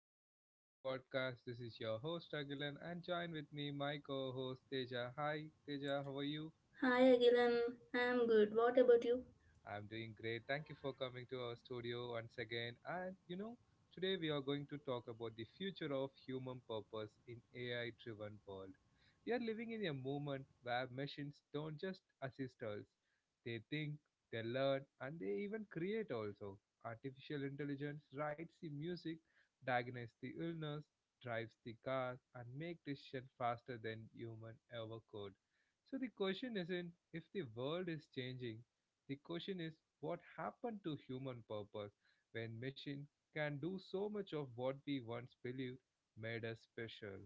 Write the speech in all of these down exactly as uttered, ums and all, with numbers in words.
episode of my podcast. This is your host Agilan and join with me my co-host Teja. Hi Teja, how are you? Hi Agilan, I am good. What about you? I'm doing great. Thank you for coming to our studio once again. And you know, today we are going to talk about the future of human purpose in A I driven world. We are living in a moment where machines don't just assist us. They think, they learn, and they even create also. Artificial intelligence writes the music, diagnoses the illness, drives the car, and make decisions faster than human ever could. So the question isn't if the world is changing, the question is what happened to human purpose when machine can do so much of what we once believed made us special?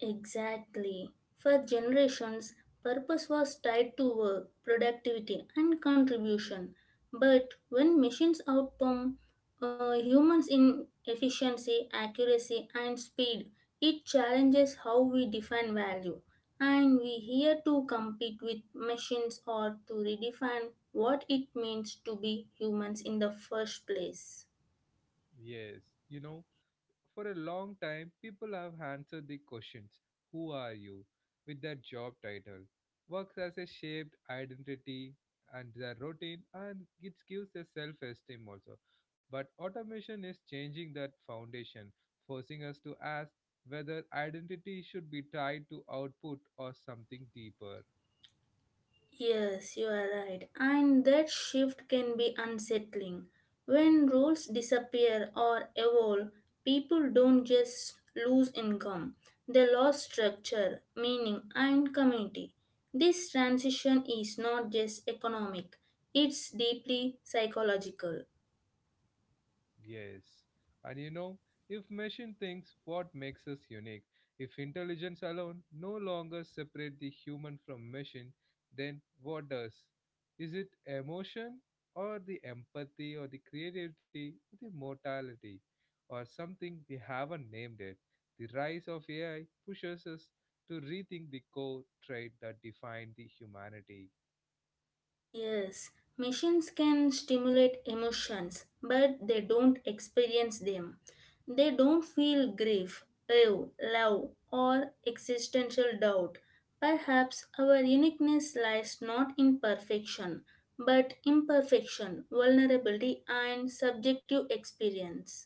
Exactly. For generations, purpose was tied to work, productivity, and contribution. But when machines outperform uh, humans in efficiency, accuracy, and speed, it challenges how we define value. And we here to compete with machines or to redefine what it means to be humans in the first place. Yes, you know, for a long time, people have answered the questions, who are you, with their job title. Works as a shaped identity and their routine, and it gives a self esteem also. But automation is changing that foundation, forcing us to ask whether identity should be tied to output or something deeper. Yes, you are right. And that shift can be unsettling. When rules disappear or evolve, people don't just lose income, they lose structure, meaning, and community. This transition is not just economic, it's deeply psychological. Yes. And you know, if machine thinks what makes us unique, if intelligence alone no longer separate the human from machine, then what does? Is it emotion or the empathy or the creativity or the mortality or something we haven't named it? The rise of A I pushes us to rethink the core trait that define the humanity. Yes, machines can stimulate emotions, but they don't experience them. They don't feel grief, awe, love, or existential doubt. Perhaps our uniqueness lies not in perfection, but imperfection, vulnerability, and subjective experience.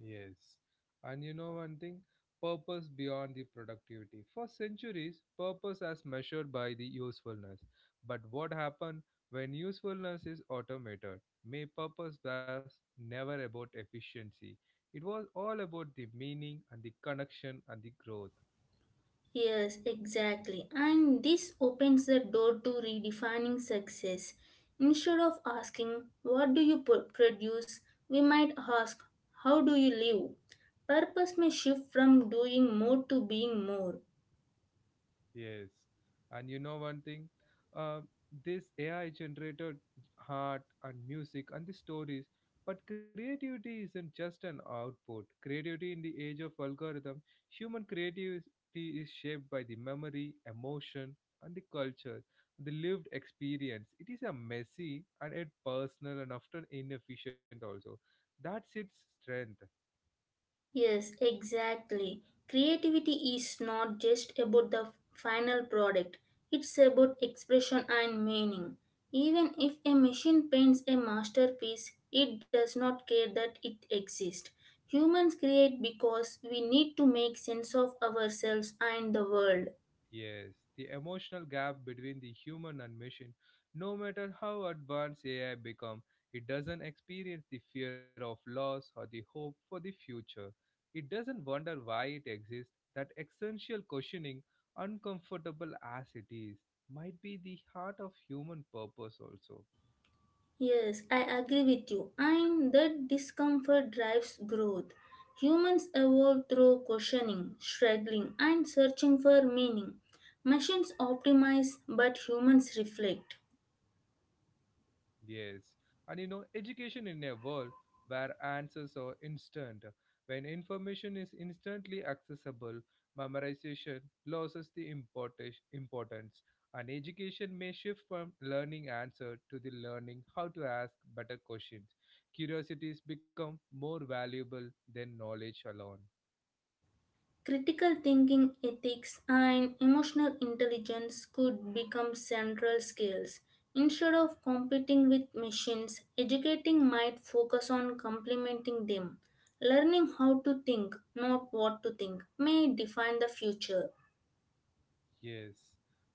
Yes. And you know one thing? Purpose beyond the productivity. For centuries, purpose as measured by the usefulness. But what happened when usefulness is automated? May purpose was never about efficiency. It was all about the meaning and the connection and the growth. Yes, exactly. And this opens the door to redefining success. Instead of asking, "What do you pro- produce?" we might ask, "How do you live?" Purpose may shift from doing more to being more. Yes, and you know one thing, uh, this A I generated art and music and the stories, but creativity isn't just an output. Creativity in the age of algorithm, human creativity is shaped by the memory, emotion, and the culture, the lived experience. It is a messy and it personal and often inefficient also. That's its strength. Yes, exactly. Creativity is not just about the final product, it's about expression and meaning. Even if a machine paints a masterpiece, it does not care that it exists. Humans create because we need to make sense of ourselves and the world. Yes, the emotional gap between the human and machine. No matter how advanced A I become, it doesn't experience the fear of loss or the hope for the future. It doesn't wonder why it exists. That essential questioning, uncomfortable as it is, might be the heart of human purpose also. Yes, I agree with you. And that discomfort drives growth. Humans evolve through questioning, struggling, and searching for meaning. Machines optimize, but humans reflect. Yes, and you know, education in a world where answers are instant, when information is instantly accessible, memorization loses the importa- importance, and education may shift from learning answer to the learning how to ask better questions. Curiosities become more valuable than knowledge alone. Critical thinking, ethics, and emotional intelligence could become central skills. Instead of competing with machines, educating might focus on complementing them. Learning how to think, not what to think, may define the future. Yes,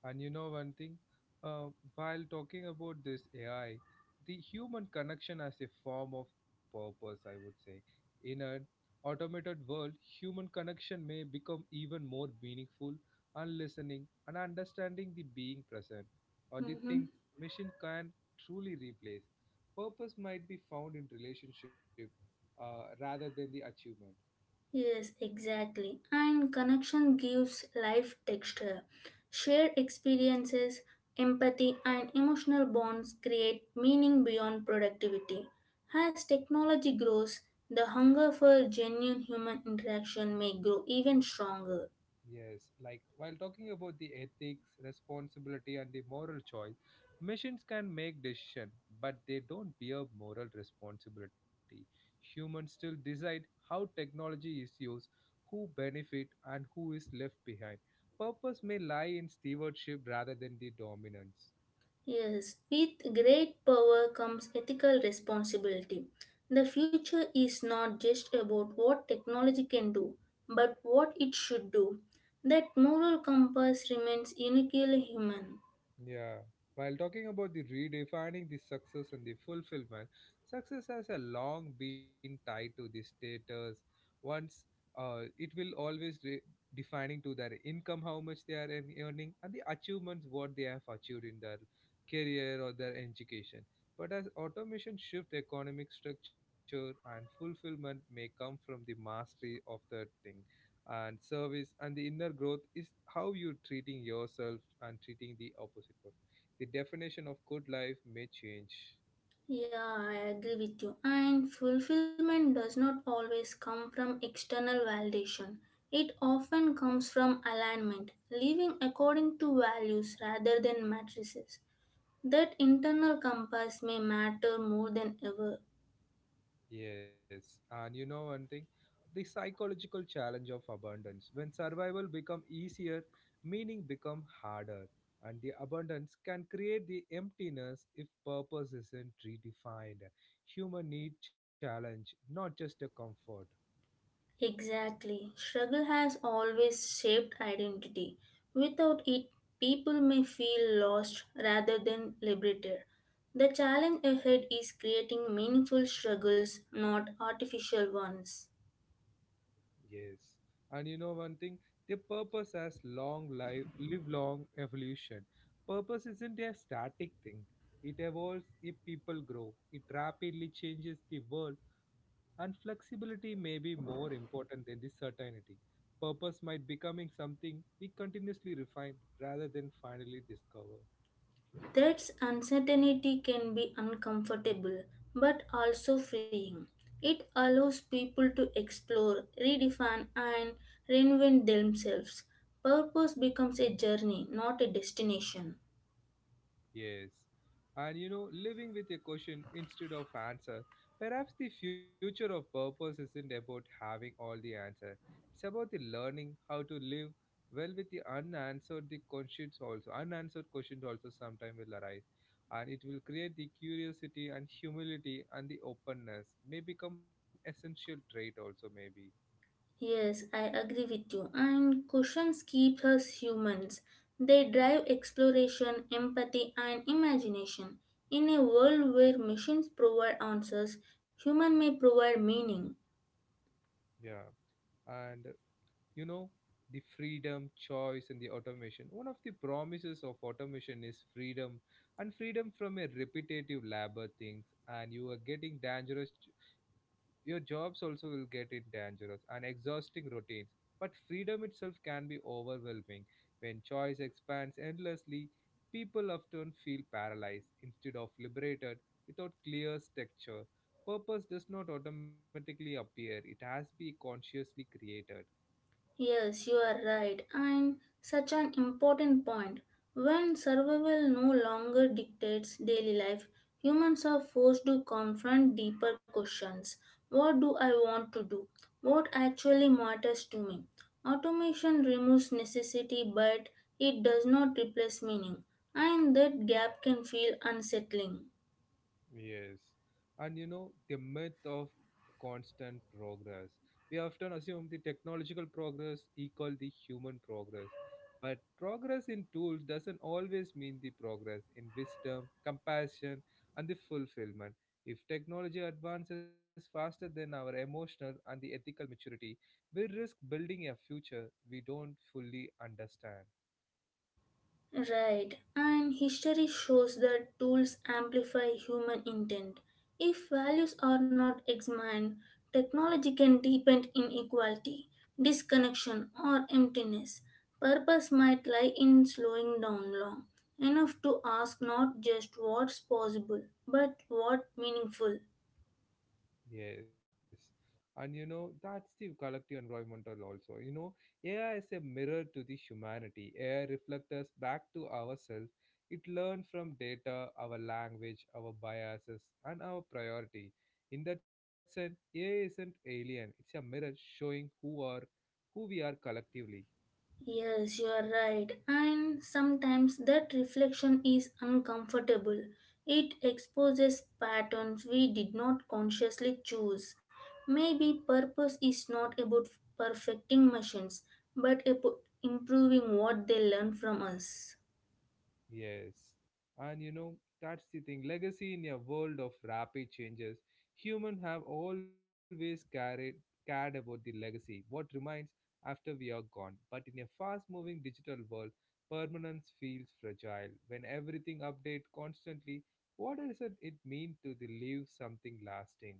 and you know one thing? Uh, while talking about this A I, the human connection as a form of purpose, I would say. In an automated world, human connection may become even more meaningful and listening and understanding the being present or the Mm-hmm. things machine can truly replace. Purpose might be found in relationship uh, rather than the achievement. Yes, exactly. And connection gives life texture. Shared experiences, empathy, and emotional bonds create meaning beyond productivity. As technology grows, the hunger for genuine human interaction may grow even stronger. Yes, like while talking about the ethics, responsibility, and the moral choice, machines can make decision, but they don't bear moral responsibility. Humans still decide how technology is used, who benefit, and who is left behind. Purpose may lie in stewardship rather than the dominance. Yes, with great power comes ethical responsibility. The future is not just about what technology can do, but what it should do. That moral compass remains uniquely human. Yeah. While talking about the redefining the success and the fulfillment, success has a long been tied to the status. Once, uh, it will always re- defining to their income, how much they are earn- earning, and the achievements what they have achieved in their career or their education. But as automation shift economic structure and fulfillment may come from the mastery of the thing and service and the inner growth is how you're treating yourself and treating the opposite person. The definition of good life may change. Yeah, I agree with you. And fulfillment does not always come from external validation. It often comes from alignment, living according to values rather than matrices. That internal compass may matter more than ever. Yes, and you know one thing, the psychological challenge of abundance. When survival become easier, meaning become harder, and the abundance can create the emptiness if purpose isn't redefined. Human need challenge, not just a comfort. Exactly. Struggle has always shaped identity. Without it, people may feel lost rather than liberated. The challenge ahead is creating meaningful struggles, not artificial ones. Yes. And you know one thing, the purpose has long life live long evolution. Purpose isn't a static thing. It evolves if people grow. It rapidly changes the world and flexibility may be more important than the certainty. Purpose might becoming something we continuously refine rather than finally discover. That's uncertainty can be uncomfortable but also freeing. It allows people to explore, redefine, and reinvent themselves. Purpose becomes a journey, not a destination. Yes. And you know, living with a question instead of answer. Perhaps the future of purpose isn't about having all the answer. It's about the learning how to live well with the unanswered the questions also. Unanswered questions also sometime will arise. And it will create the curiosity and humility and the openness may become essential trait also maybe. Yes, I agree with you. And questions keep us humans. They drive exploration, empathy, and imagination. In a world where machines provide answers, human may provide meaning. Yeah. And you know the freedom choice and the automation, one of the promises of automation is freedom and freedom from a repetitive labor things and you are getting dangerous, your jobs also will get in dangerous and exhausting routines, but freedom itself can be overwhelming. When choice expands endlessly, people often feel paralyzed instead of liberated. Without clear structure, purpose does not automatically appear, it has to be consciously created. Yes, you are right, and such an important point. When survival no longer dictates daily life, humans are forced to confront deeper questions. What do I want to do? What actually matters to me? Automation removes necessity, but it does not replace meaning, and that gap can feel unsettling. Yes. And you know, the myth of constant progress. We often assume the technological progress equal the human progress. But progress in tools doesn't always mean the progress in wisdom, compassion, and the fulfillment. If technology advances faster than our emotional and the ethical maturity, we risk building a future we don't fully understand. Right, and history shows that tools amplify human intent. If values are not examined, technology can deepen inequality, disconnection, or emptiness. Purpose might lie in slowing down long enough to ask not just what's possible, but what meaningful. Yes. And you know, that's the collective environmental also. You know, A I is a mirror to the humanity. A I reflects us back to ourselves. It learns from data, our language, our biases, and our priority. In that sense, A I isn't alien. It's a mirror showing who are who we are collectively. Yes, you are right. And sometimes that reflection is uncomfortable. It exposes patterns we did not consciously choose. Maybe purpose is not about perfecting machines, but about improving what they learn from us. Yes. And you know, that's the thing. Legacy in a world of rapid changes, humans have always carried cared about the legacy, what remains after we are gone. But in a fast moving digital world, permanence feels fragile. When everything updates constantly, what does it it mean to the leave something lasting?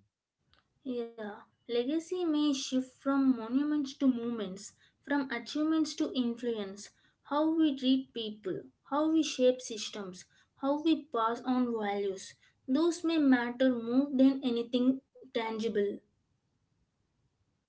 Yeah, legacy may shift from monuments to movements, from achievements to influence. How we treat people, how we shape systems, how we pass on values, those may matter more than anything tangible. Yes.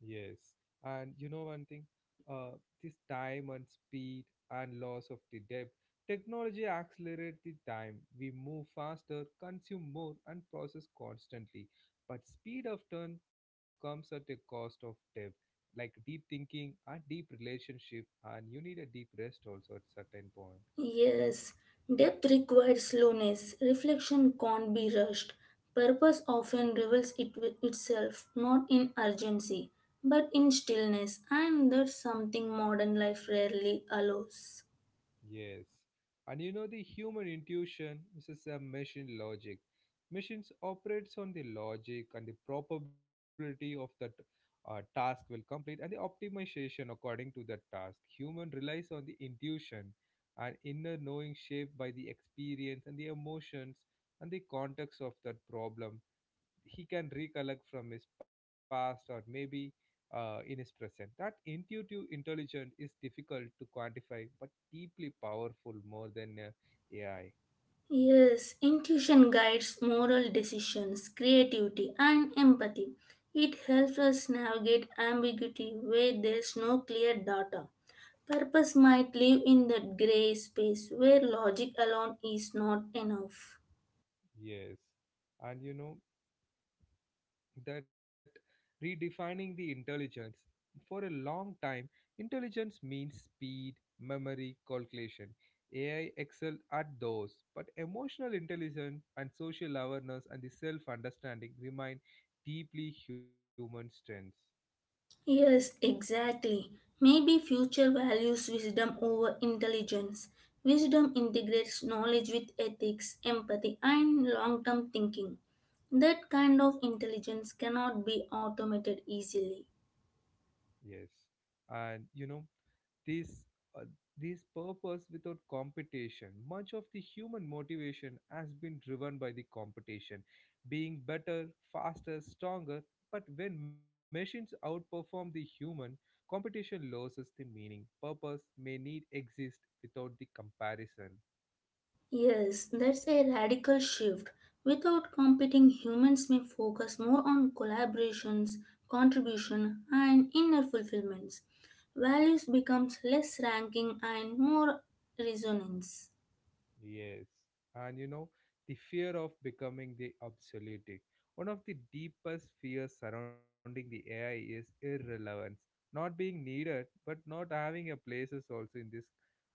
And you know one thing, uh, this time and speed and loss of the depth. Technology accelerates the time. We move faster, consume more, and process constantly. But speed of turn comes at a cost of depth, like deep thinking and deep relationship, and you need a deep rest also at certain point. Yes, depth requires slowness, reflection can't be rushed. Purpose often reveals it itself not in urgency, but in stillness, and that's something modern life rarely allows. Yes. And you know, the human intuition versus the machine logic. Machines operates on the logic and the probability of that uh, task will complete and the optimization according to that task. Human relies on the intuition and inner knowing shaped by the experience and the emotions and the context of that problem he can recollect from his past or maybe uh, in his present. That intuitive intelligence is difficult to quantify but deeply powerful more than uh, A I. Yes, intuition guides moral decisions, creativity, and empathy. It helps us navigate ambiguity where there's no clear data. Purpose might live in that gray space where logic alone is not enough. Yes. And you know that redefining the intelligence for a long time, intelligence means speed, memory, calculation. A I excelled at those, but emotional intelligence and social awareness and the self understanding remain deeply human strengths. Yes, exactly. Maybe future values wisdom over intelligence. Wisdom integrates knowledge with ethics, empathy, and long term thinking. That kind of intelligence cannot be automated easily. Yes, and you know this uh, this purpose without competition. Much of the human motivation has been driven by the competition, being better, faster, stronger. But when machines outperform the human, competition loses the meaning. Purpose may need exist without the comparison. Yes, that's a radical shift. Without competing, humans may focus more on collaborations, contribution, and inner fulfillments. Values becomes less ranking and more resonance. Yes. And you know, the fear of becoming the obsolete. One of the deepest fears surrounding the A I is irrelevance. Not being needed, but not having a place is also in this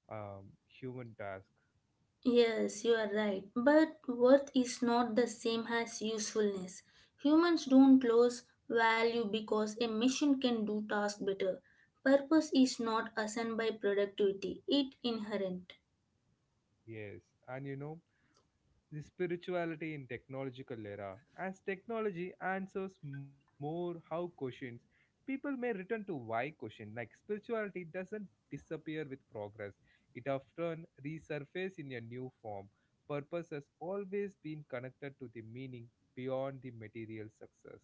um, human task. Yes, you are right. But worth is not the same as usefulness. Humans don't lose value because a machine can do task better. Purpose is not assigned by productivity, it inherent. Yes. And you know, the spirituality in technological era, as technology answers more how questions, people may return to why question, like spirituality doesn't disappear with progress, it often resurfaces in a new form. Purpose has always been connected to the meaning beyond the material success.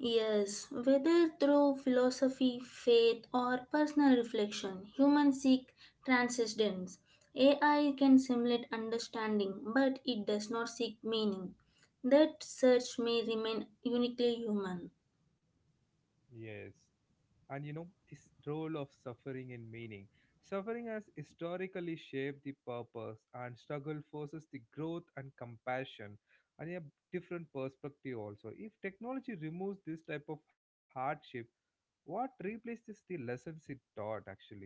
Yes, whether through philosophy, faith, or personal reflection, humans seek transcendence. A I can simulate understanding, but it does not seek meaning. That search may remain uniquely human. Yes, and you know this role of suffering and meaning. Suffering has historically shaped the purpose, and struggle forces the growth and compassion and a different perspective also. If technology removes this type of hardship, what replaces the lessons it taught actually?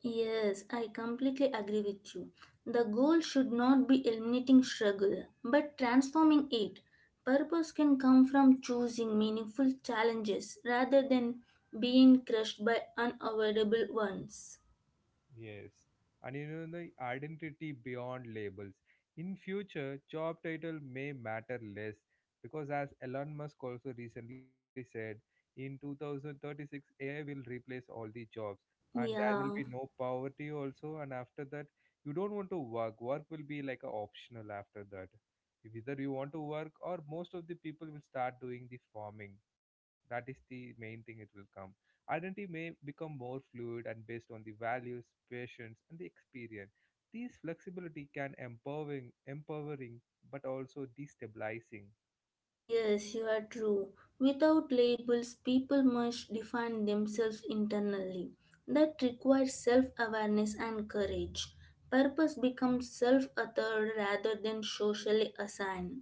Yes, I completely agree with you. The goal should not be eliminating struggle, but transforming it. Purpose can come from choosing meaningful challenges rather than being crushed by unavoidable ones. Yes, and you know the identity beyond labels. In future, job title may matter less because, as Elon Musk also recently said, in two thousand thirty-six A I will replace all the jobs, and there will Yeah, be no poverty also. And after that, you don't want to work. Work will be like a optional after that. If either you want to work or most of the people will start doing the farming. That is the main thing. It will come. Identity may become more fluid and based on the values, passions, and the experience. This flexibility can empowering, empowering, but also destabilizing. yes, you are true. Without labels, people must define themselves internally. That requires self awareness and courage. Purpose becomes self authored rather than socially assigned.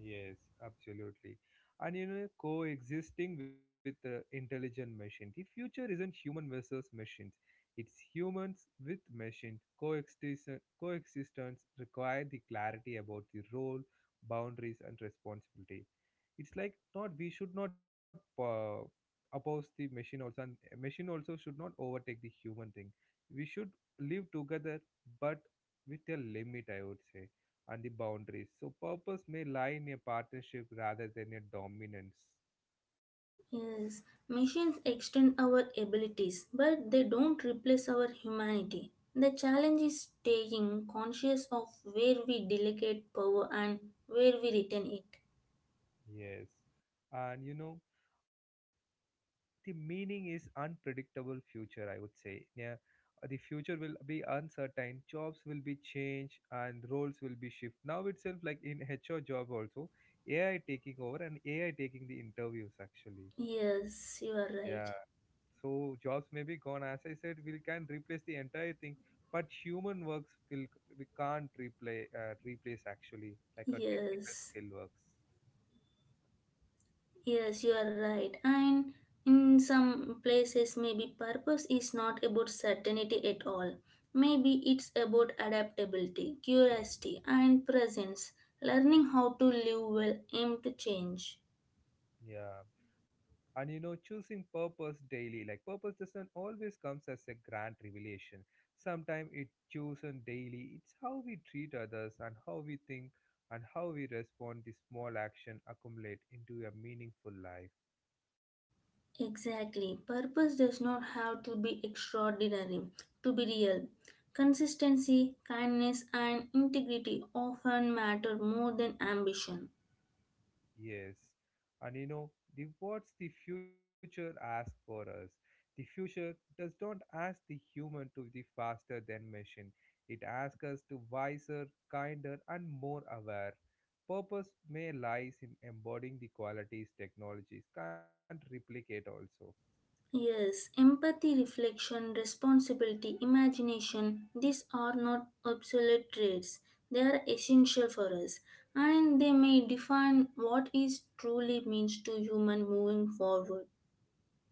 Yes, absolutely. And you know, coexisting with the intelligent machine. The future isn't human versus machines. It's humans with machines. Coexistence, coexistence require the clarity about the role, boundaries, and responsibility. It's like not we should not uh, oppose the machine also, and machine also should not overtake the human thing. We should live together, but with a limit. I would say and the boundaries. So purpose may lie in a partnership rather than a dominance. Yes, machines extend our abilities, but they don't replace our humanity. The challenge is staying conscious of where we delegate power and where we retain it. Yes. And you know, the meaning is unpredictable future, I would say. Yeah. Uh, The future will be uncertain, jobs will be changed and roles will be shift. Now itself like in H R job also, A I taking over and A I taking the interviews actually. Yes, you Yeah. are right. So jobs may be gone. As I said, we can replace the entire thing, but human works will we can't replay uh, replace actually like a technical Yes, skill works. yes, you are right. And in some places, maybe purpose is not about certainty at all. Maybe it's about adaptability, curiosity, and presence, learning how to live well, aim to change. Yeah, and you know choosing purpose daily like purpose doesn't always comes as a grand revelation. Sometimes it chosen daily. It's how we treat others and how we think and how we respond. The small action accumulate into a meaningful life. Exactly. Purpose does not have to be extraordinary to be real. Consistency, kindness, and integrity often matter more than ambition. Yes. And you know, the what's the future ask for us? The future does not ask the human to be faster than machine. It asks us to wiser, kinder and more aware. Purpose may lies in embodying the qualities technologies can't replicate also. Yes, empathy, reflection, responsibility, imagination, these are not obsolete traits. They are essential for us and they may define what is truly means to human moving forward.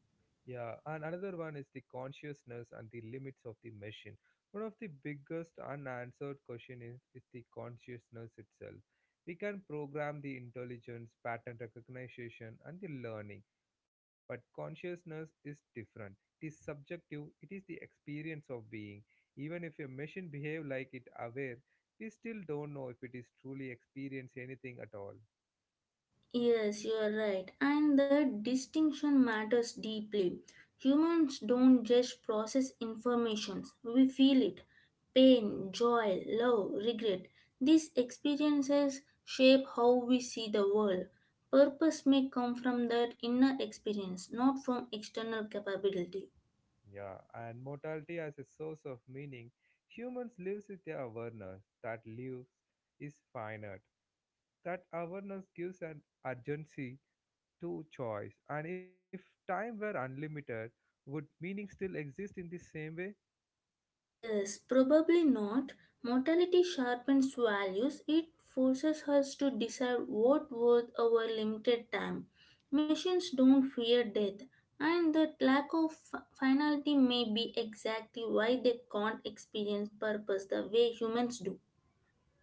Yeah, and another one is the consciousness and the limits of the machine. One of the biggest unanswered question is, is the consciousness itself. We can program the intelligence, pattern recognition, and the learning, but consciousness is different. It is subjective, it is the experience of being. Even if a machine behave like it aware, we still don't know if it is truly experience anything at all. Yes, you are right. And the distinction matters deeply. Humans don't just process informations, we feel it. Pain, joy, love, regret. These experiences shape how we see the world. Purpose may come from that inner experience, not from external capability. Yeah, and mortality as a source of meaning, humans live with their awareness that lives is finite. That awareness gives an urgency to choice, and if time were unlimited, would meaning still exist in the same way? Yes, probably not. Mortality sharpens values. It forces us to decide what worth our limited time. Machines don't fear death, and that lack of fi- finality may be exactly why they can't experience purpose the way humans do.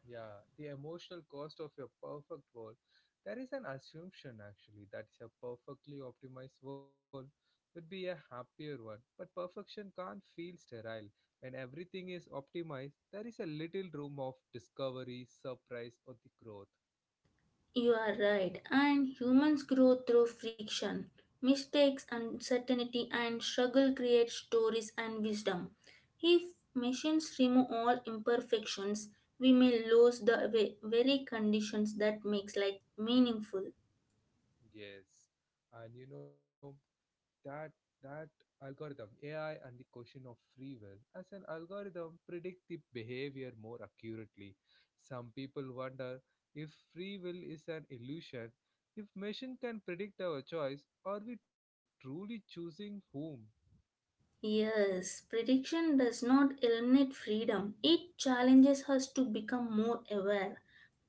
Yeah, the emotional cost of your perfect world. There is an assumption actually that a perfectly optimized world would be a happier one, but perfection can't feel sterile. When everything is optimized, there is a little room of discovery, surprise, or the growth. You are right, and humans grow through friction. Mistakes, uncertainty, and struggle create stories and wisdom. If machines remove all imperfections, we may lose the ve- very conditions that makes life meaningful. Yes, and you know that that algorithm ai and the question of free will as an algorithm predict the behavior more accurately some people wonder if free will is an illusion if machine can predict our choice are we truly choosing whom. Yes, prediction does not eliminate freedom. It challenges us to become more aware.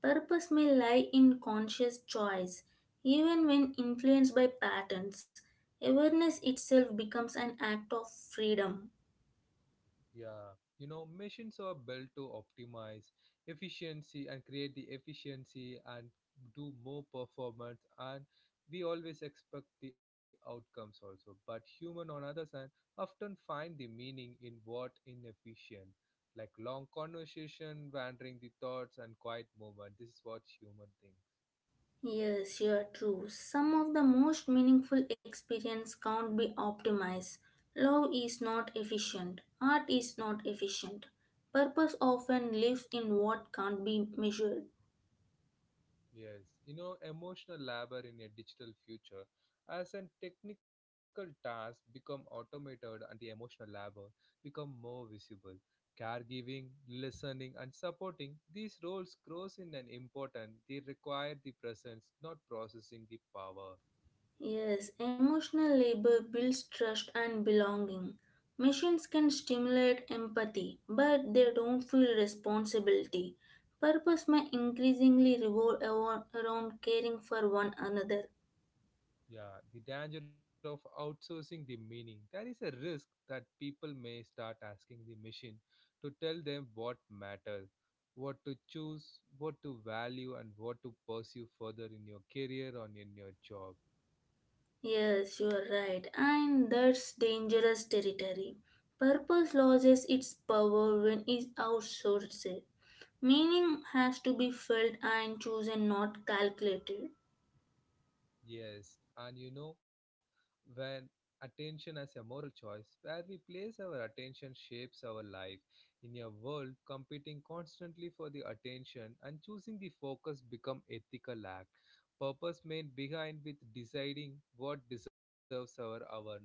Purpose may lie in conscious choice, even when influenced by patterns. Awareness itself becomes an act of freedom. Yeah, you know, machines are built to optimize efficiency and create the efficiency and do more performance and we always expect the outcomes also. But human on other hand often find the meaning in what inefficient, like long conversation, wandering the thoughts and quiet moment. This is what human thinks. Yes, you are true. Some of the most meaningful experience can't be optimized. Love is not efficient. Art is not efficient. Purpose often lives in what can't be measured. Yes, you know, emotional labor in a digital future as an technical task become automated and the emotional labor become more visible. Caregiving, listening and supporting these roles grows in an important. They require the presence, not processing the power. Yes, emotional labor builds trust and belonging. Machines can stimulate empathy, but they don't feel responsibility. Purpose may increasingly revolve avo- around caring for one another. Yeah, the danger of outsourcing the meaning. There is a risk that people may start asking the machine to tell them what matters, what to choose, what to value, and what to pursue further in your career or in your job. Yes, you are right, and that's dangerous territory. Purpose loses its power when it's outsourced. Meaning has to be felt and chosen, not calculated. Yes, and you know, when attention as a moral choice, where we place our attention shapes our life. In a world competing constantly for the attention and choosing the focus become ethical act. Purpose made behind with deciding what deserves our awareness.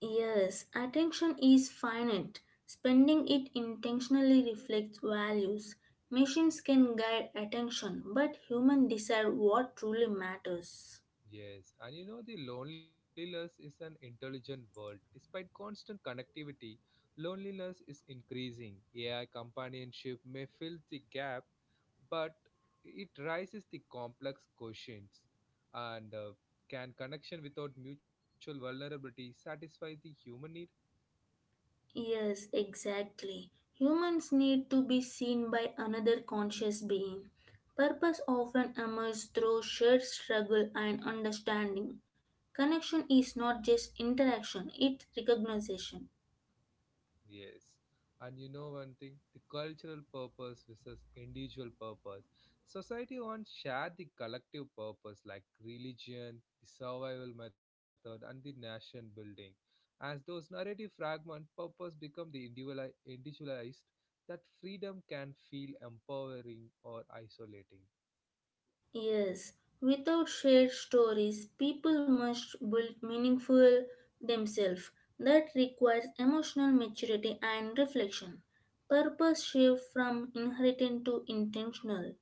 Yes, attention is finite. Spending it intentionally reflects values. Machines can guide attention, but humans decide what truly matters. Yes, and you know the loneliness is an intelligent world. Despite constant connectivity, loneliness is increasing. A I companionship may fill the gap, but it raises the complex questions and uh, can connection without mutual vulnerability satisfy the human need? Yes, exactly. Humans need to be seen by another conscious being. Purpose often emerges through shared struggle and understanding. Connection is not just interaction, it's recognition. Yes. And you know one thing, the cultural purpose versus individual purpose. Society wants share the collective purpose like religion, the survival method, and the nation building. As those narrative fragment purpose become the individuali- individualized, that freedom can feel empowering or isolating. Yes, without shared stories, people must build meaningful themselves. That requires emotional maturity and reflection. Purpose shift from inherited to intentional.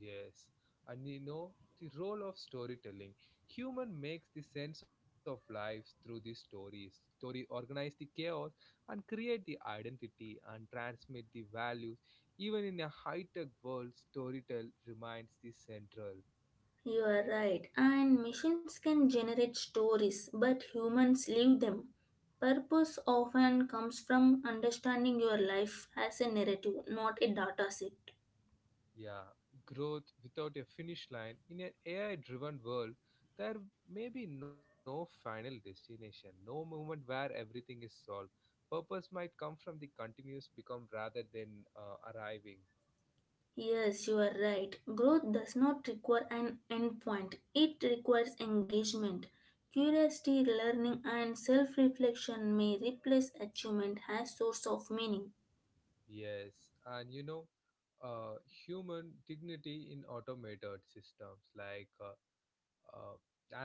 Yes, and you know the role of storytelling. Human makes the sense of life through the stories. Story organize the chaos and create the identity and transmit the values. Even in a high-tech world, storytell remains the central. You are right, and missions can generate stories, but humans live them. Purpose often comes from understanding your life as a narrative, not a data set. Yeah, growth without a finish line. In an A I driven world, there may be no final destination, no moment where everything is solved. Purpose might come from the continuous become rather than uh, arriving. Yes, you are right. Growth does not require an endpoint, it requires engagement. Curiosity, learning, and self reflection may replace achievement as source of meaning. Yes, and you know, uh, human dignity in automated systems like uh, Uh,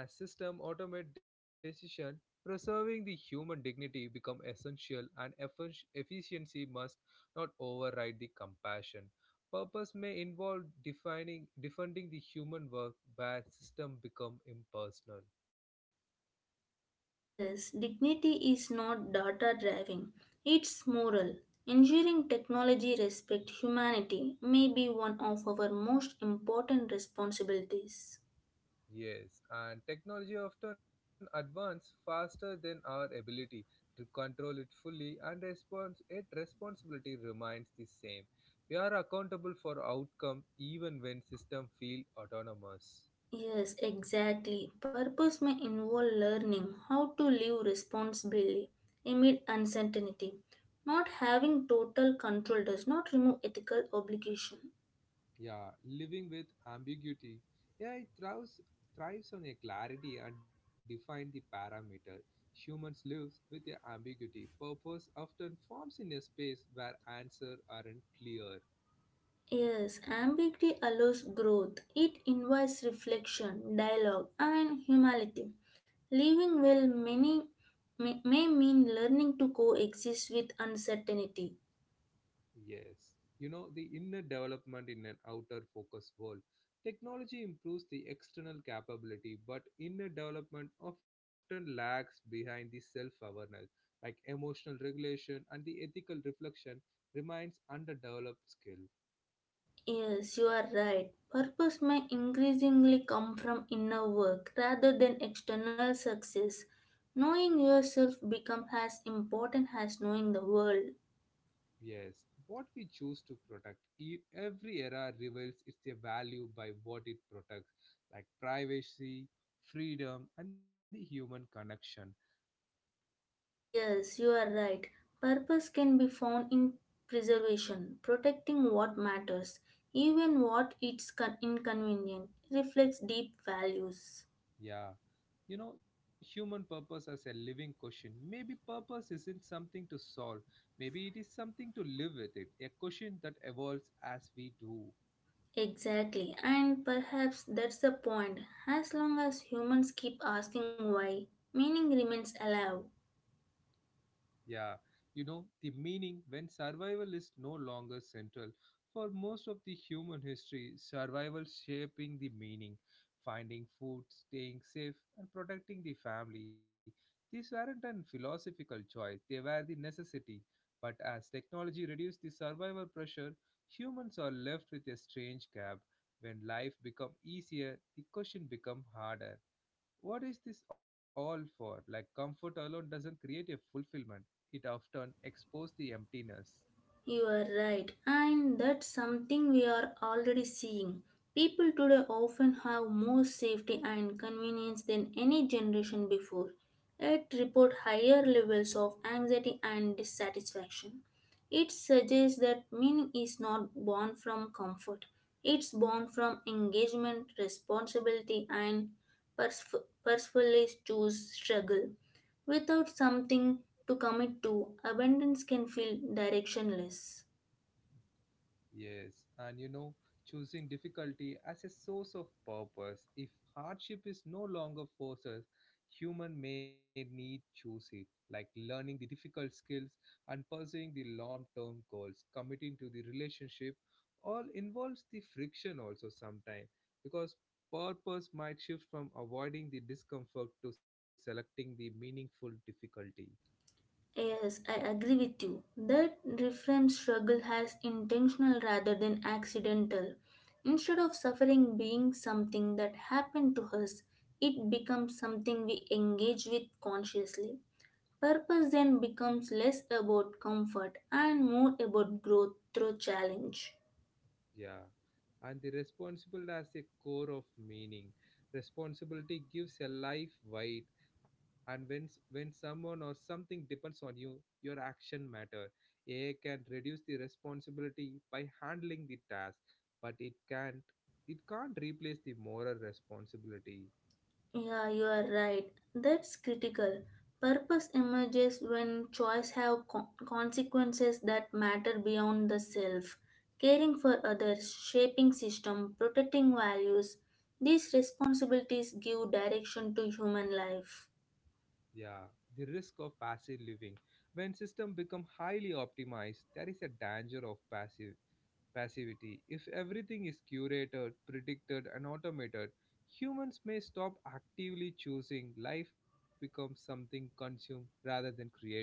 as system automate decision, preserving the human dignity become essential and effic- efficiency must not override the compassion. Purpose may involve defining defending the human work where system become impersonal. Yes, dignity is not data driving, it's moral. Ensuring technology respect humanity may be one of our most important responsibilities. Yes, and technology often advances faster than our ability to control it fully and response yet responsibility remains the same. We are accountable for outcome even when system feel autonomous. Yes, exactly. Purpose may involve learning how to live responsibly amid uncertainty. Not having total control does not remove ethical obligation. Yeah, living with ambiguity. Yeah, it thrives thrives on a clarity and define the parameter. Humans lives with a ambiguity. Purpose often forms in a space where answer aren't clear. Yes, ambiguity allows growth. It invites reflection, dialogue, and humility. Living well many may, may mean learning to coexist with uncertainty. Yes. You know, the inner development in an outer focus world. Technology improves the external capability, but inner development often lags behind the self awareness, like emotional regulation and the ethical reflection remains underdeveloped skill. Yes, you are right. Purpose may increasingly come from inner work rather than external success. Knowing yourself becomes as important as knowing the world. Yes, what we choose to protect, e- every era reveals its value by what it protects, like privacy, freedom, and the human connection. Yes, you are right. Purpose can be found in preservation, protecting what matters, even what is con- inconvenient, reflects deep values. Yeah. You know, human purpose as a living question. Maybe purpose isn't something to solve. Maybe it is something to live with it, a question that evolves as we do. Exactly, and perhaps that's the point. As long as humans keep asking why, meaning remains alive. Yeah, you know, the meaning when survival is no longer central. For most of the human history, survival shaping the meaning, finding food, staying safe, and protecting the family. These weren't a philosophical choice, they were the necessity. But as technology reduced the survival pressure, humans are left with a strange gap. When life become easier, the question become harder. What is this all for? Like, comfort alone doesn't create a fulfillment, it often exposes the emptiness. You are right, and that's something we are already seeing. People today often have more safety and convenience than any generation before, yet report higher levels of anxiety and dissatisfaction. It suggests that meaning is not born from comfort, it's born from engagement, responsibility, and pers- purposefully choose struggle. Without something to commit to, abundance can feel directionless. Yes, and you know, choosing difficulty as a source of purpose. If hardship is no longer forces, human may need choose it, like learning the difficult skills and pursuing the long-term goals, committing to the relationship, all involves the friction also sometimes because purpose might shift from avoiding the discomfort to selecting the meaningful difficulty. Yes, I agree with you. That reframe struggle has intentional rather than accidental. Instead of suffering being something that happened to us, it becomes something we engage with consciously. Purpose then becomes less about comfort and more about growth through challenge. Yeah, and the responsible as a core of meaning. Responsibility gives a life weight, and when s- when someone or something depends on you, your action matter. A I can reduce the responsibility by handling the task, but it can't it can't replace the moral responsibility. Yeah, you are right. That's critical. Purpose emerges when choice have co- consequences that matter beyond the self. Caring for others, shaping system, protecting values. These responsibilities give direction to human life. Yeah, the risk of passive living. When system become highly optimized, there is a danger of passive passivity. If everything is curated, predicted, and automated, humans may stop actively choosing. Life becomes something consumed rather than created.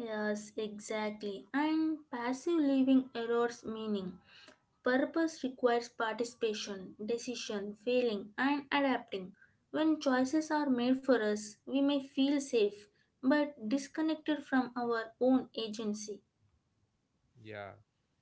Yes, exactly. And passive living erodes meaning. Purpose requires participation, decision, failing, and adapting. When choices are made for us, we may feel safe but disconnected from our own agency. Yeah.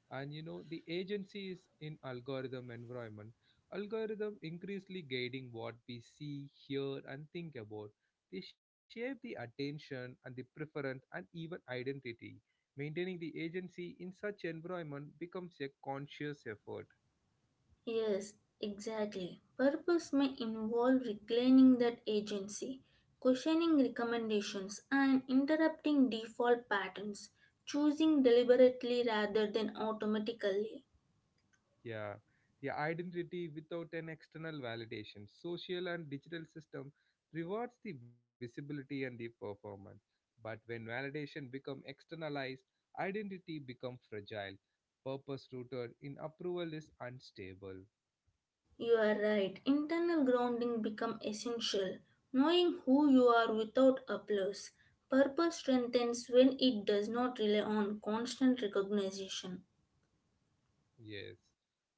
And you know, the agency is in algorithm environment. Algorithm increasingly guiding what we see, hear, and think about. They shape the attention and the preference and even identity. Maintaining the agency in such environment becomes a conscious effort. Yes, exactly. Purpose may involve reclaiming that agency, questioning recommendations, and interrupting default patterns, choosing deliberately rather than automatically. Yeah, the identity without an external validation. Social and digital system rewards the visibility and the performance. But when validation become externalized, identity become fragile. Purpose rooted in approval is unstable. You are right. Internal grounding become essential. Knowing who you are without applause. Purpose strengthens when it does not rely on constant recognition. Yes.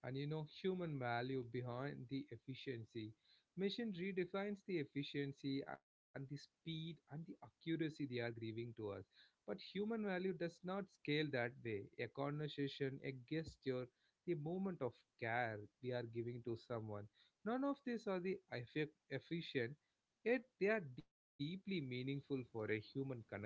And you know, human value behind the efficiency. Machine redefines the efficiency and the speed and the accuracy they are giving to us. But human value does not scale that way. A conversation, a gesture, the moment of care we are giving to someone. None of these are the effe- efficient, yet they are deeply meaningful for a human connection.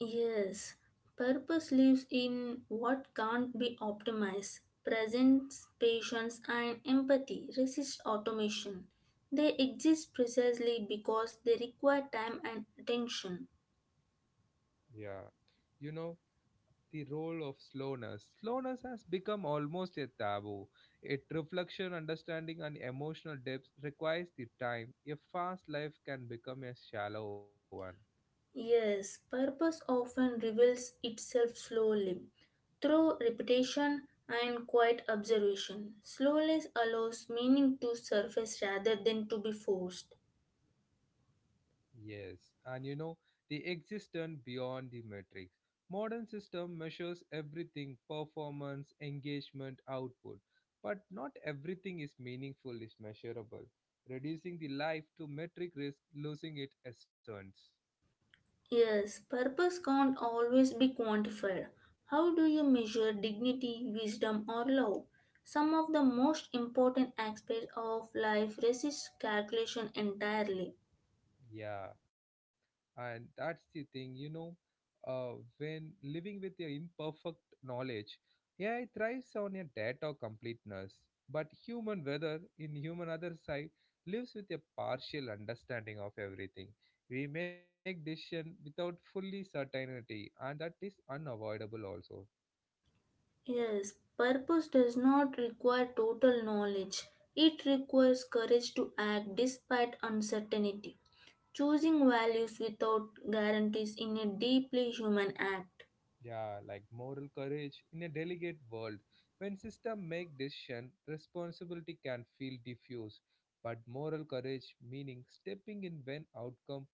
Yes, purpose lives in what can't be optimized. Presence, patience, and empathy resist automation. They exist precisely because they require time and attention. Yeah. You know, the role of slowness. Slowness has become almost a taboo. It reflection, understanding, and emotional depth requires the time. A fast life can become a shallow one. Yes, purpose often reveals itself slowly through repetition and quiet observation. Slowness allows meaning to surface rather than to be forced. Yes, and you know, the existent beyond the matrix. Modern system measures everything performance, engagement, output. But not everything is meaningful, is measurable. Reducing the life to metric risk losing its essence. Yes, purpose can't always be quantified. How do you measure dignity, wisdom, or love? Some of the most important aspects of life resist calculation entirely. Yeah, and that's the thing you know, uh, when living with your imperfect knowledge, yeah, it thrives on your data completeness, but human whether in human other side lives with a partial understanding of everything. We make decision without fully certainty and that is unavoidable also. Yes, purpose does not require total knowledge. It requires courage to act despite uncertainty. Choosing values without guarantees in a deeply human act. Yeah, like moral courage in a delicate world, when system make decision responsibility can feel diffuse, but moral courage meaning stepping in when outcome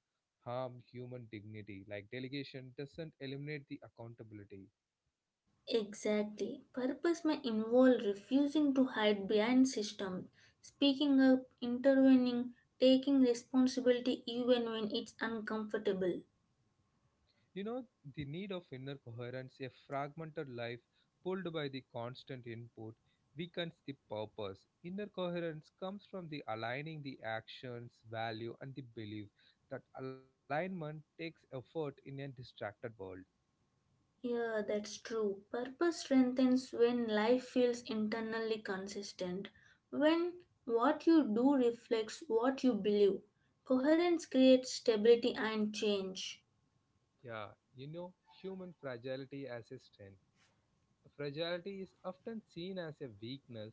harm human dignity like delegation doesn't eliminate the accountability. Exactly. Purpose may involve refusing to hide behind systems, speaking up, intervening, taking responsibility even when it's uncomfortable. You know, the need of inner coherence, a fragmented life pulled by the constant input, weakens the purpose. Inner coherence comes from the aligning the actions, value, and the belief. That alignment takes effort in a distracted world. Yeah, that's true. Purpose strengthens when life feels internally consistent, when what you do reflects what you believe. Coherence creates stability and change. Yeah, you know, human fragility as a strength. Fragility is often seen as a weakness,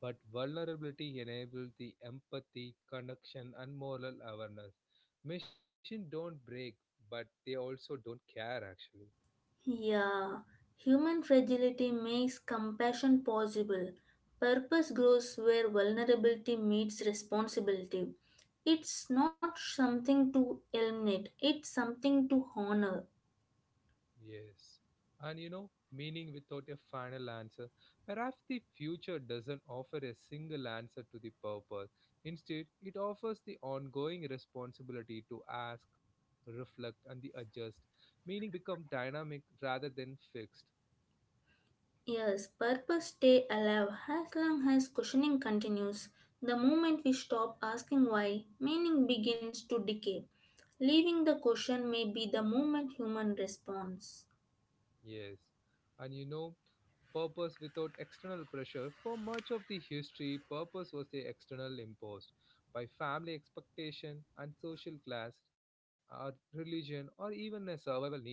but vulnerability enables the empathy, connection, and moral awareness. Machines don't break, but they also don't care, actually. Yeah, human fragility makes compassion possible. Purpose grows where vulnerability meets responsibility. It's not something to eliminate, it's something to honor. Yes. And you know, meaning without a final answer. Perhaps the future doesn't offer a single answer to the purpose. Instead, it offers the ongoing responsibility to ask, reflect, and the adjust. Meaning become dynamic rather than fixed. Yes, purpose stay alive as long as questioning continues. The moment we stop asking why, meaning begins to decay. Leaving the question may be the moment human responds. Yes, and you know, purpose without external pressure. For much of the history, purpose was the external imposed by family expectation and social class, or religion, or even a survival needs.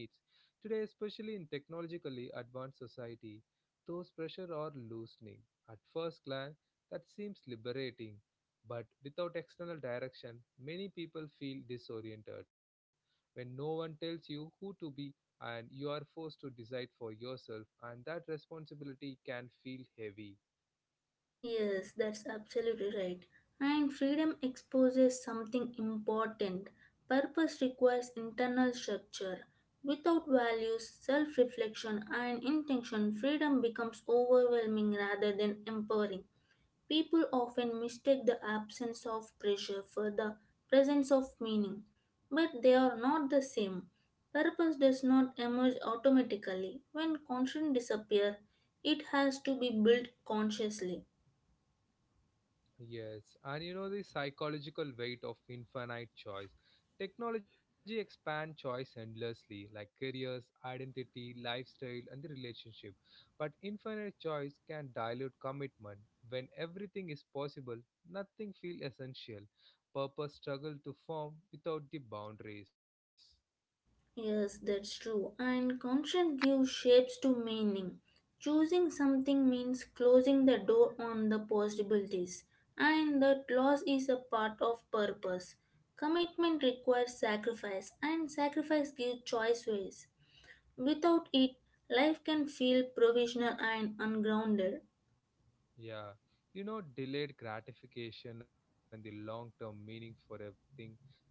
Today, especially in technologically advanced society, those pressure are loosening. At first glance, that seems liberating, but without external direction, many people feel disoriented. When no one tells you who to be and you are forced to decide for yourself, and that responsibility can feel heavy. Yes, that's absolutely right. And freedom exposes something important. Purpose requires internal structure. Without values, self reflection, and intention, freedom becomes overwhelming rather than empowering. People often mistake the absence of pressure for the presence of meaning, but they are not the same. Purpose does not emerge automatically. When constraints disappear, it has to be built consciously. Yes, and you know the psychological weight of infinite choice. Technology expands choice endlessly, like careers, identity, lifestyle, and the relationship. But infinite choice can dilute commitment. When everything is possible, nothing feels essential. Purpose struggle to form without the boundaries. Yes, that's true. And consent gives shapes to meaning. Choosing something means closing the door on the possibilities, and that loss is a part of purpose. Commitment requires sacrifice, and sacrifice gives choices. Without it, life can feel provisional and ungrounded. Yeah, you know, delayed gratification and the long term meaning for a thing.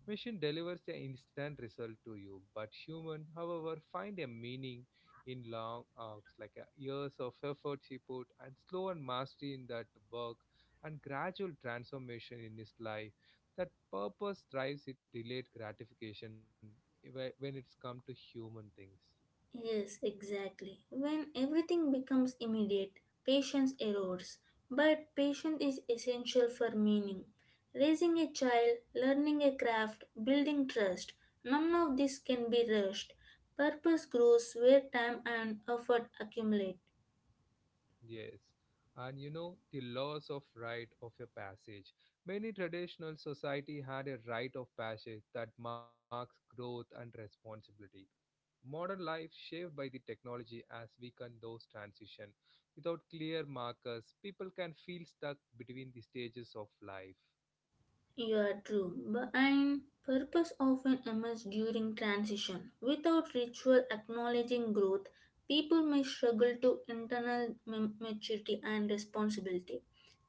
Machine delivers the instant result to you, but human, however, find a meaning in long arcs, like uh, years of effort he put, and slow and mastery in that work, and gradual transformation in his life. That purpose drives it delayed gratification whe- when it's come to human things. Yes, exactly. When everything becomes immediate, patience erodes. But patience is essential for meaning. Raising a child, learning a craft, building trust, none of this can be rushed. Purpose grows where time and effort accumulate. Yes, and you know the laws of rite of a passage. Many traditional society had a rite of passage that marks growth and responsibility. Modern life shaped by the technology has weakened those transition. Without clear markers, people can feel stuck between the stages of life. You are true. Bu- And purpose often emerges during transition. Without ritual acknowledging growth, people may struggle to internal ma- maturity and responsibility.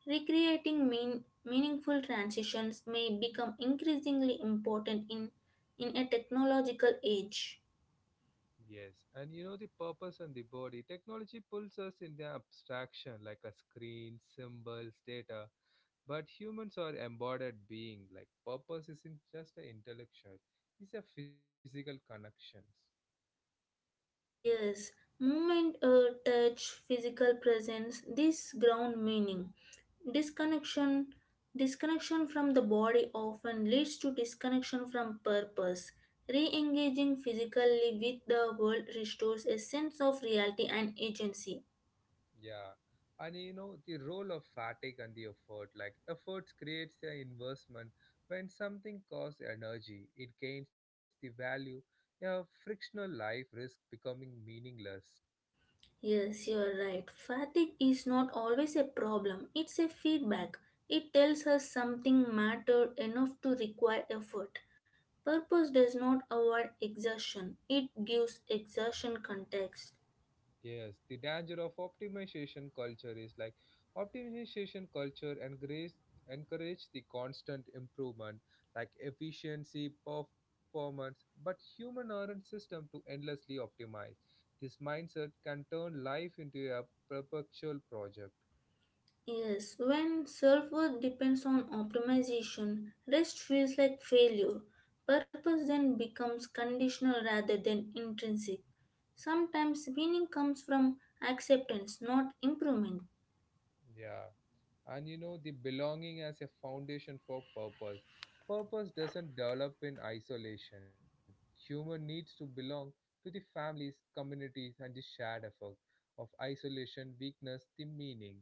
Recreating mean, meaningful transitions may become increasingly important in, in a technological age. Yes, and you know the purpose and the body. Technology pulls us in the abstraction like a screen, symbols, data. But humans are embodied being like purpose isn't just an intellectual, it's a physical connections. Yes, movement, uh, touch, physical presence, this ground meaning. Disconnection, disconnection from the body often leads to disconnection from purpose. Re engaging physically with the world restores a sense of reality and agency. Yeah, and you know the role of fatigue and the effort, like efforts creates the investment. When something costs energy, it gains the value. A frictional life risk becoming meaningless. Yes, you are right. Fatigue is not always a problem, it's a feedback. It tells us something mattered enough to require effort. Purpose does not avoid exertion, it gives exertion context. Yes, the danger of optimization culture is like optimization culture encourages encourage the constant improvement like efficiency, performance, but human aren't system to endlessly optimize. This mindset can turn life into a perpetual project. Yes, when self worth depends on optimization, rest feels like failure. Purpose then becomes conditional rather than intrinsic. Sometimes meaning comes from acceptance, not improvement. Yeah, and you know the belonging as a foundation for purpose. Purpose doesn't develop in isolation. Human needs to belong to the families, communities and the shared effort. Of isolation weakness the meaning.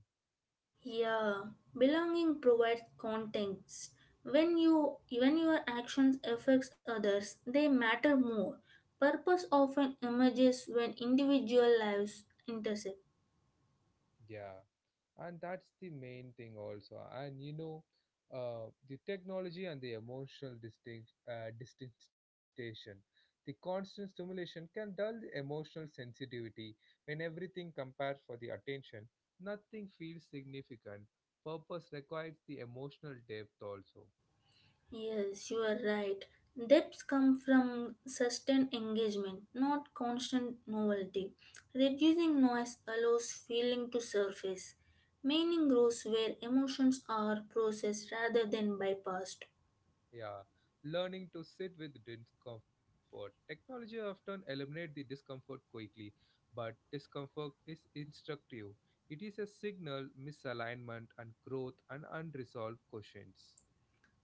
Yeah, belonging provides context. When you when your actions affects others, they matter more. Purpose often emerges when individual lives intersect. Yeah, and that's the main thing also. And you know, uh, the technology and the emotional distinct uh, distinction. The constant stimulation can dull the emotional sensitivity. When everything compares for the attention, nothing feels significant. Purpose requires the emotional depth also. Yes, you are right. Depths come from sustained engagement, not constant novelty. Reducing noise allows feeling to surface. Meaning grows where emotions are processed rather than bypassed. Yeah, learning to sit with discomfort. Technology often eliminates the discomfort quickly, but discomfort is instructive. It is a signal misalignment and growth and unresolved questions.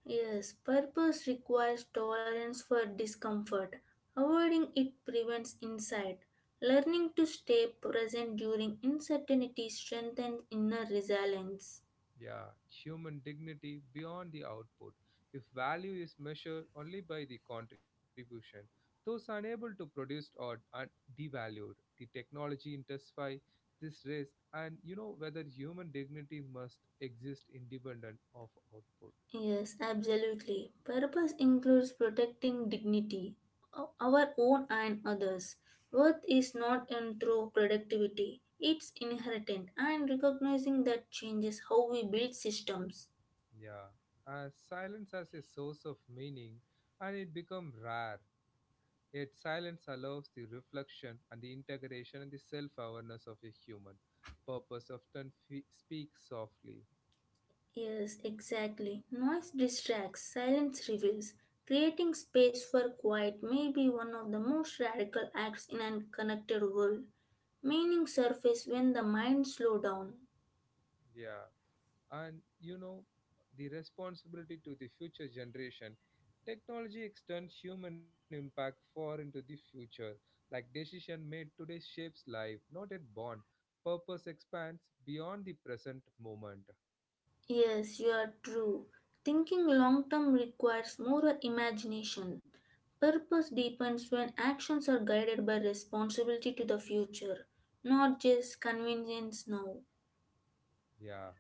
Yes, purpose requires tolerance for discomfort. Avoiding it prevents insight. Learning to stay present during uncertainty strengthens inner resilience. Yeah, human dignity beyond the output. If value is measured only by the contribution, those unable to produce or are devalued. The technology intensify this risk, and you know whether human dignity must exist independent of output. Yes, absolutely. Purpose includes protecting dignity, o- our own and others. Worth is not earned through productivity, it's inherent, and recognizing that changes how we build systems. Yeah, uh, silence has a source of meaning and it becomes rare. Yet silence allows the reflection and the integration and the self awareness of a human. Purpose often fe- speaks softly. Yes, exactly. Noise distracts, silence reveals. Creating space for quiet may be one of the most radical acts in a connected world. Meaning surface when the mind slow down. Yeah, and you know, the responsibility to the future generation. Technology extends human impact far into the future, like decision made today shapes life, not at born. Purpose expands beyond the present moment. Yes, you are true. Thinking long term requires more imagination. Purpose deepens when actions are guided by responsibility to the future, not just convenience now. Yeah.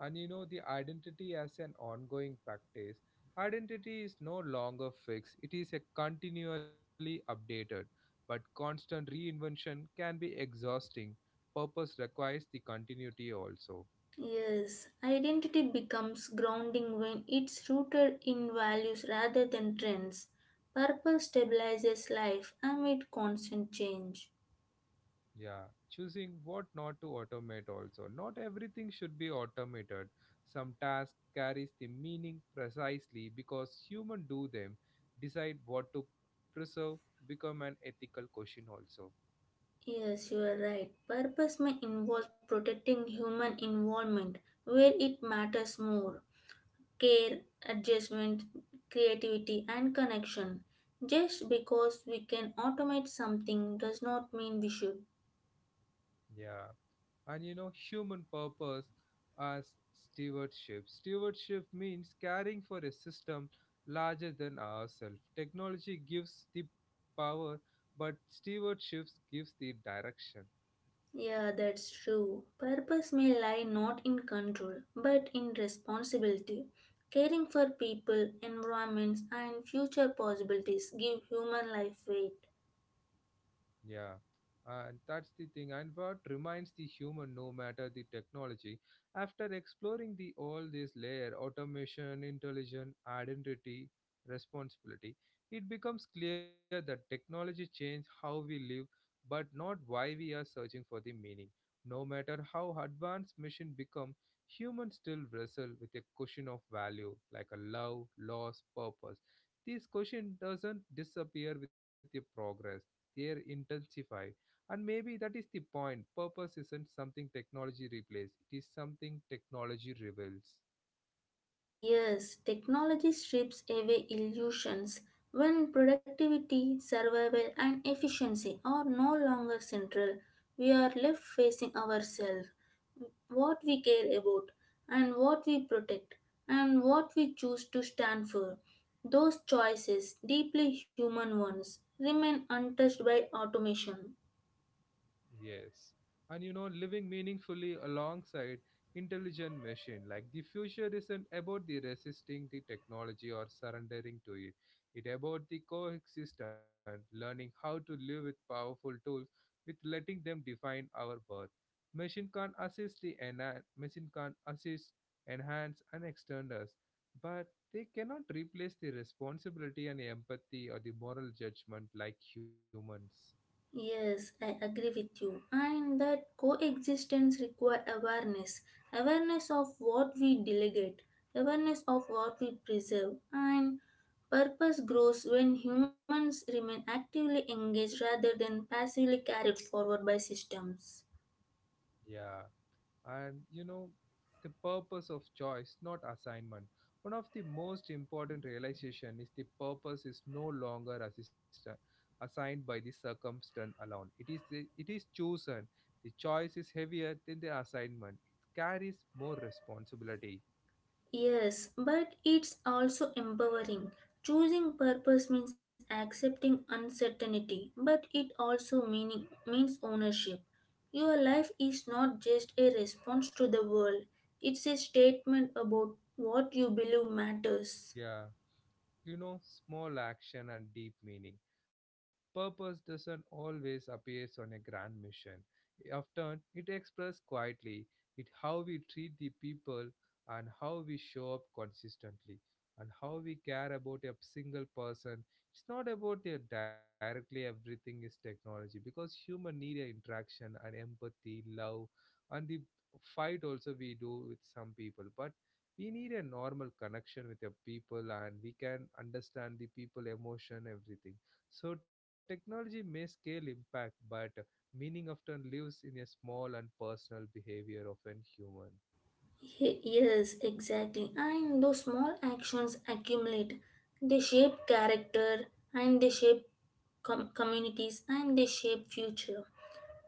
And you know, the identity as an ongoing practice. Identity is no longer fixed, it is a continually updated. But constant reinvention can be exhausting. Purpose requires the continuity also. Yes, identity becomes grounding when it's rooted in values rather than trends. Purpose stabilizes life amid constant change. Yeah, choosing what not to automate also. Not everything should be automated. Some task carries the meaning precisely because human do them. Decide what to preserve become an ethical question also. Yes, you are right. Purpose may involve protecting human involvement where it matters more care, adjustment, creativity, and connection. Just because we can automate something does not mean we should. Yeah, and you know human purpose as stewardship. Stewardship means caring for a system larger than ourselves. Technology gives the power, but stewardship gives the direction. Yeah, that's true. Purpose may lie not in control, but in responsibility. Caring for people, environments, and future possibilities give human life weight. Yeah, and that's the thing. And what reminds the human, no matter the technology, after exploring the all this layer, automation, intelligence, identity, responsibility, it becomes clear that technology change how we live, but not why we are searching for the meaning. No matter how advanced machine become, humans still wrestle with a question of value, like a love, loss, purpose. This question doesn't disappear with the progress, they intensify. And maybe that is the point. Purpose isn't something technology replaces, it is something technology reveals. Yes, technology strips away illusions when productivity, survival, and efficiency are no longer central. We are left facing ourselves, what we care about, and what we protect, and what we choose to stand for. Those choices, deeply human ones, remain untouched by automation. Yes. And you know, living meaningfully alongside intelligent machine. Like the future isn't about the resisting the technology or surrendering to it. It about the coexistence, learning how to live with powerful tools with letting them define our worth. Machine can assist the enhance machine can assist, enhance and extend us, but they cannot replace the responsibility and empathy or the moral judgment like humans. Yes, I agree with you. And that coexistence require awareness. Awareness of what we delegate, awareness of what we preserve, and purpose grows when humans remain actively engaged rather than passively carried forward by systems. Yeah, and you know the purpose of choice not assignment. One of the most important realization is the purpose is no longer assistant assigned by the circumstance alone. It is the, it is chosen. The choice is heavier than the assignment, it carries more responsibility. Yes, but it's also empowering. Choosing purpose means accepting uncertainty, but it also meaning, means ownership. Your life is not just a response to the world, it's a statement about what you believe matters. Yeah, you know, small action and deep meaning. Purpose doesn't always appear on a grand mission. Often, it expressed quietly in how we treat the people, and how we show up consistently, and how we care about a single person. It's not about a directly everything is technology because human need a interaction and empathy, love, and the fight also we do with some people, but we need a normal connection with the people and we can understand the people emotion everything. So technology may scale impact, but meaning often lives in a small and personal behavior of an human. Ye- Yes, exactly. And those small actions accumulate. They shape character and they shape com- communities and they shape future.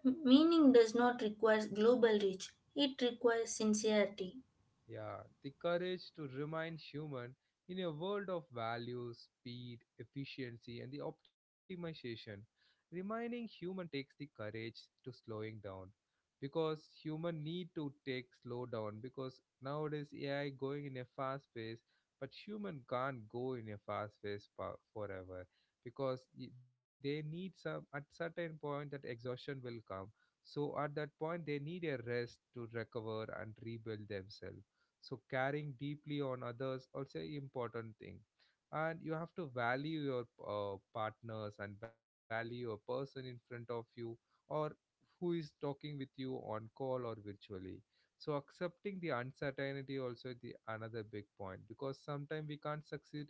M- meaning does not require global reach, it requires sincerity. Yeah, the courage to remain human in a world of values, speed, efficiency, and the optimization. Remaining human takes the courage to slowing down, because human need to take slow down because nowadays A I going in a fast pace, but human can't go in a fast pace pa- forever because y- they need some at certain point that exhaustion will come. So at that point, they need a rest to recover and rebuild themselves. So caring deeply on others also a important thing, and you have to value your uh, partners and value a person in front of you, or who is talking with you on call or virtually. So accepting the uncertainty also the another big point, because sometimes we can't succeed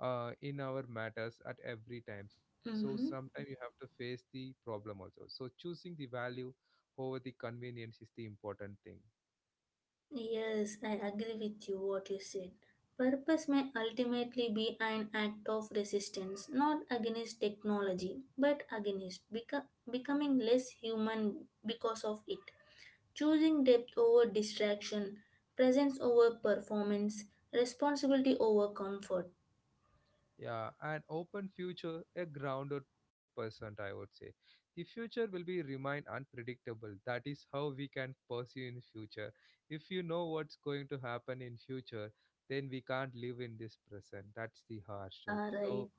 uh, in our matters at every time, so sometimes Mhm. you have to face the problem also. So choosing the value over the convenience is the important thing. Yes, I agree with you what you said. Purpose may ultimately be an act of resistance, not against technology, but against beco- becoming less human because of it. Choosing depth over distraction, presence over performance, responsibility over comfort. Yeah, an open future, a grounded person, I would say. The future will be remain unpredictable. That is how we can pursue in future. If you know what's going to happen in future, then we can't live in this present. That's the harsh truth. Yeah, right. So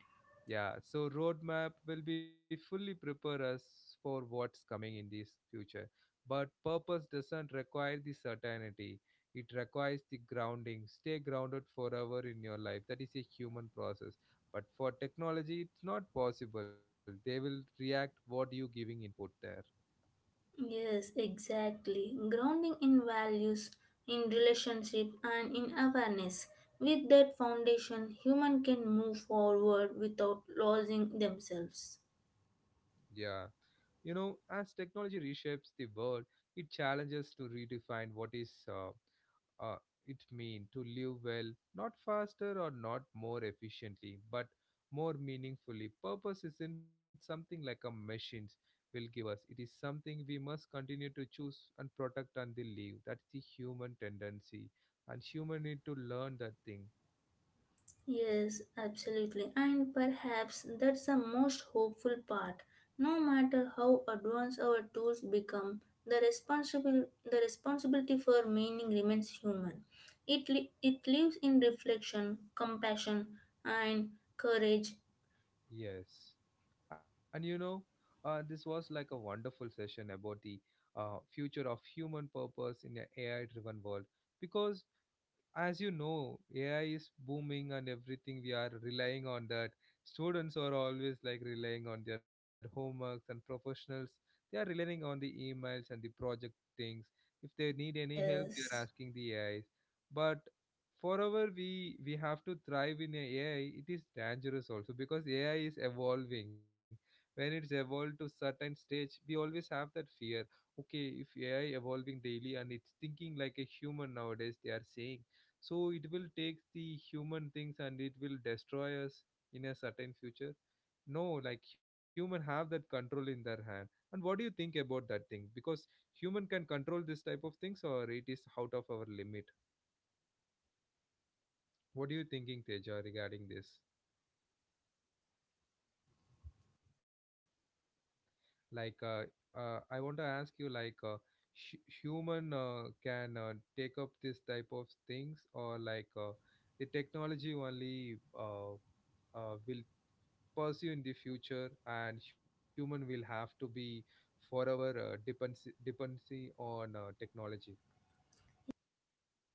yeah, so roadmap will be fully prepare us for what's coming in this future. But purpose doesn't require the certainty. It requires the grounding. Stay grounded forever in your life. That is a human process. But for technology, it's not possible. They will react what you giving input there. Yes, exactly. Grounding in values, in relationship, and in awareness. With that foundation, human can move forward without losing themselves. Yeah. You know, as technology reshapes the world, it challenges to redefine what is uh, uh, it mean to live well, not faster or not more efficiently, but more meaningfully. Purpose isn't something like a machines will give us. It is something we must continue to choose and protect until live. That's the human tendency, and human need to learn that thing. Yes, absolutely. And perhaps that's the most hopeful part. No matter how advanced our tools become, the responsible the responsibility for meaning remains human. It li- it lives in reflection, compassion, and courage. Yes, and you know, uh, this was like a wonderful session about the uh, future of human purpose in an A I-driven world, because as you know, A I is booming and everything. We are relying on that. Students are always like relying on their homeworks and professionals. They are relying on the emails and the project things. If they need any help, they are Yes. asking the A Is. But forever we we have to thrive in a AI, it is dangerous also because A I is evolving. When it's evolved to certain stage, we always have that fear. Okay, if AI evolving daily and it's thinking like a human nowadays they are saying, so it will take the human things and it will destroy us in a certain future. No, like human have that control in their hand. And what do you think about that thing, because human can control this type of things or it is out of our limit? What are you thinking, Teja, regarding this? Like uh, uh, I want to ask you, like uh, hu- human uh, can uh, take up this type of things, or like uh, the technology only uh, uh, will pursue in the future and human will have to be forever uh, dependency dependency on uh, technology?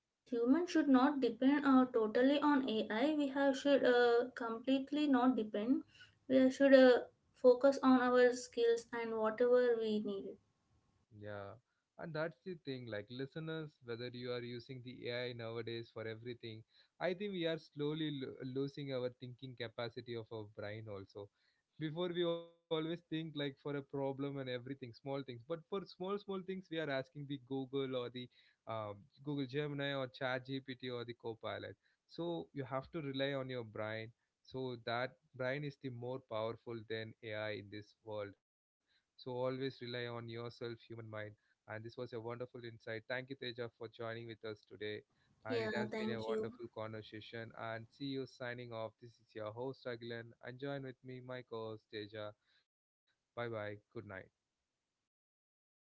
Yes, humans should not depend uh, totally on A I. We have should uh, completely not depend. We should uh, focus on our skills and whatever we need. Yeah, and that's the thing. Like listeners, whether you are using the A I nowadays for everything, I think we are slowly lo- losing our thinking capacity of our brain also. Before we always think like for a problem and everything, small things, but for small, small things, we are asking the Google or the um, Google Gemini or ChatGPT or the Copilot. So you have to rely on your brain. So that brain is the more powerful than A I in this world, so always rely on yourself, human mind. And this was a wonderful insight. Thank you, Teja, for joining with us today. And Yeah, it has been a thank you. wonderful conversation. And see you signing off. This is your host, Agilan. And join with me, my co host, Teja. Bye bye. Good night.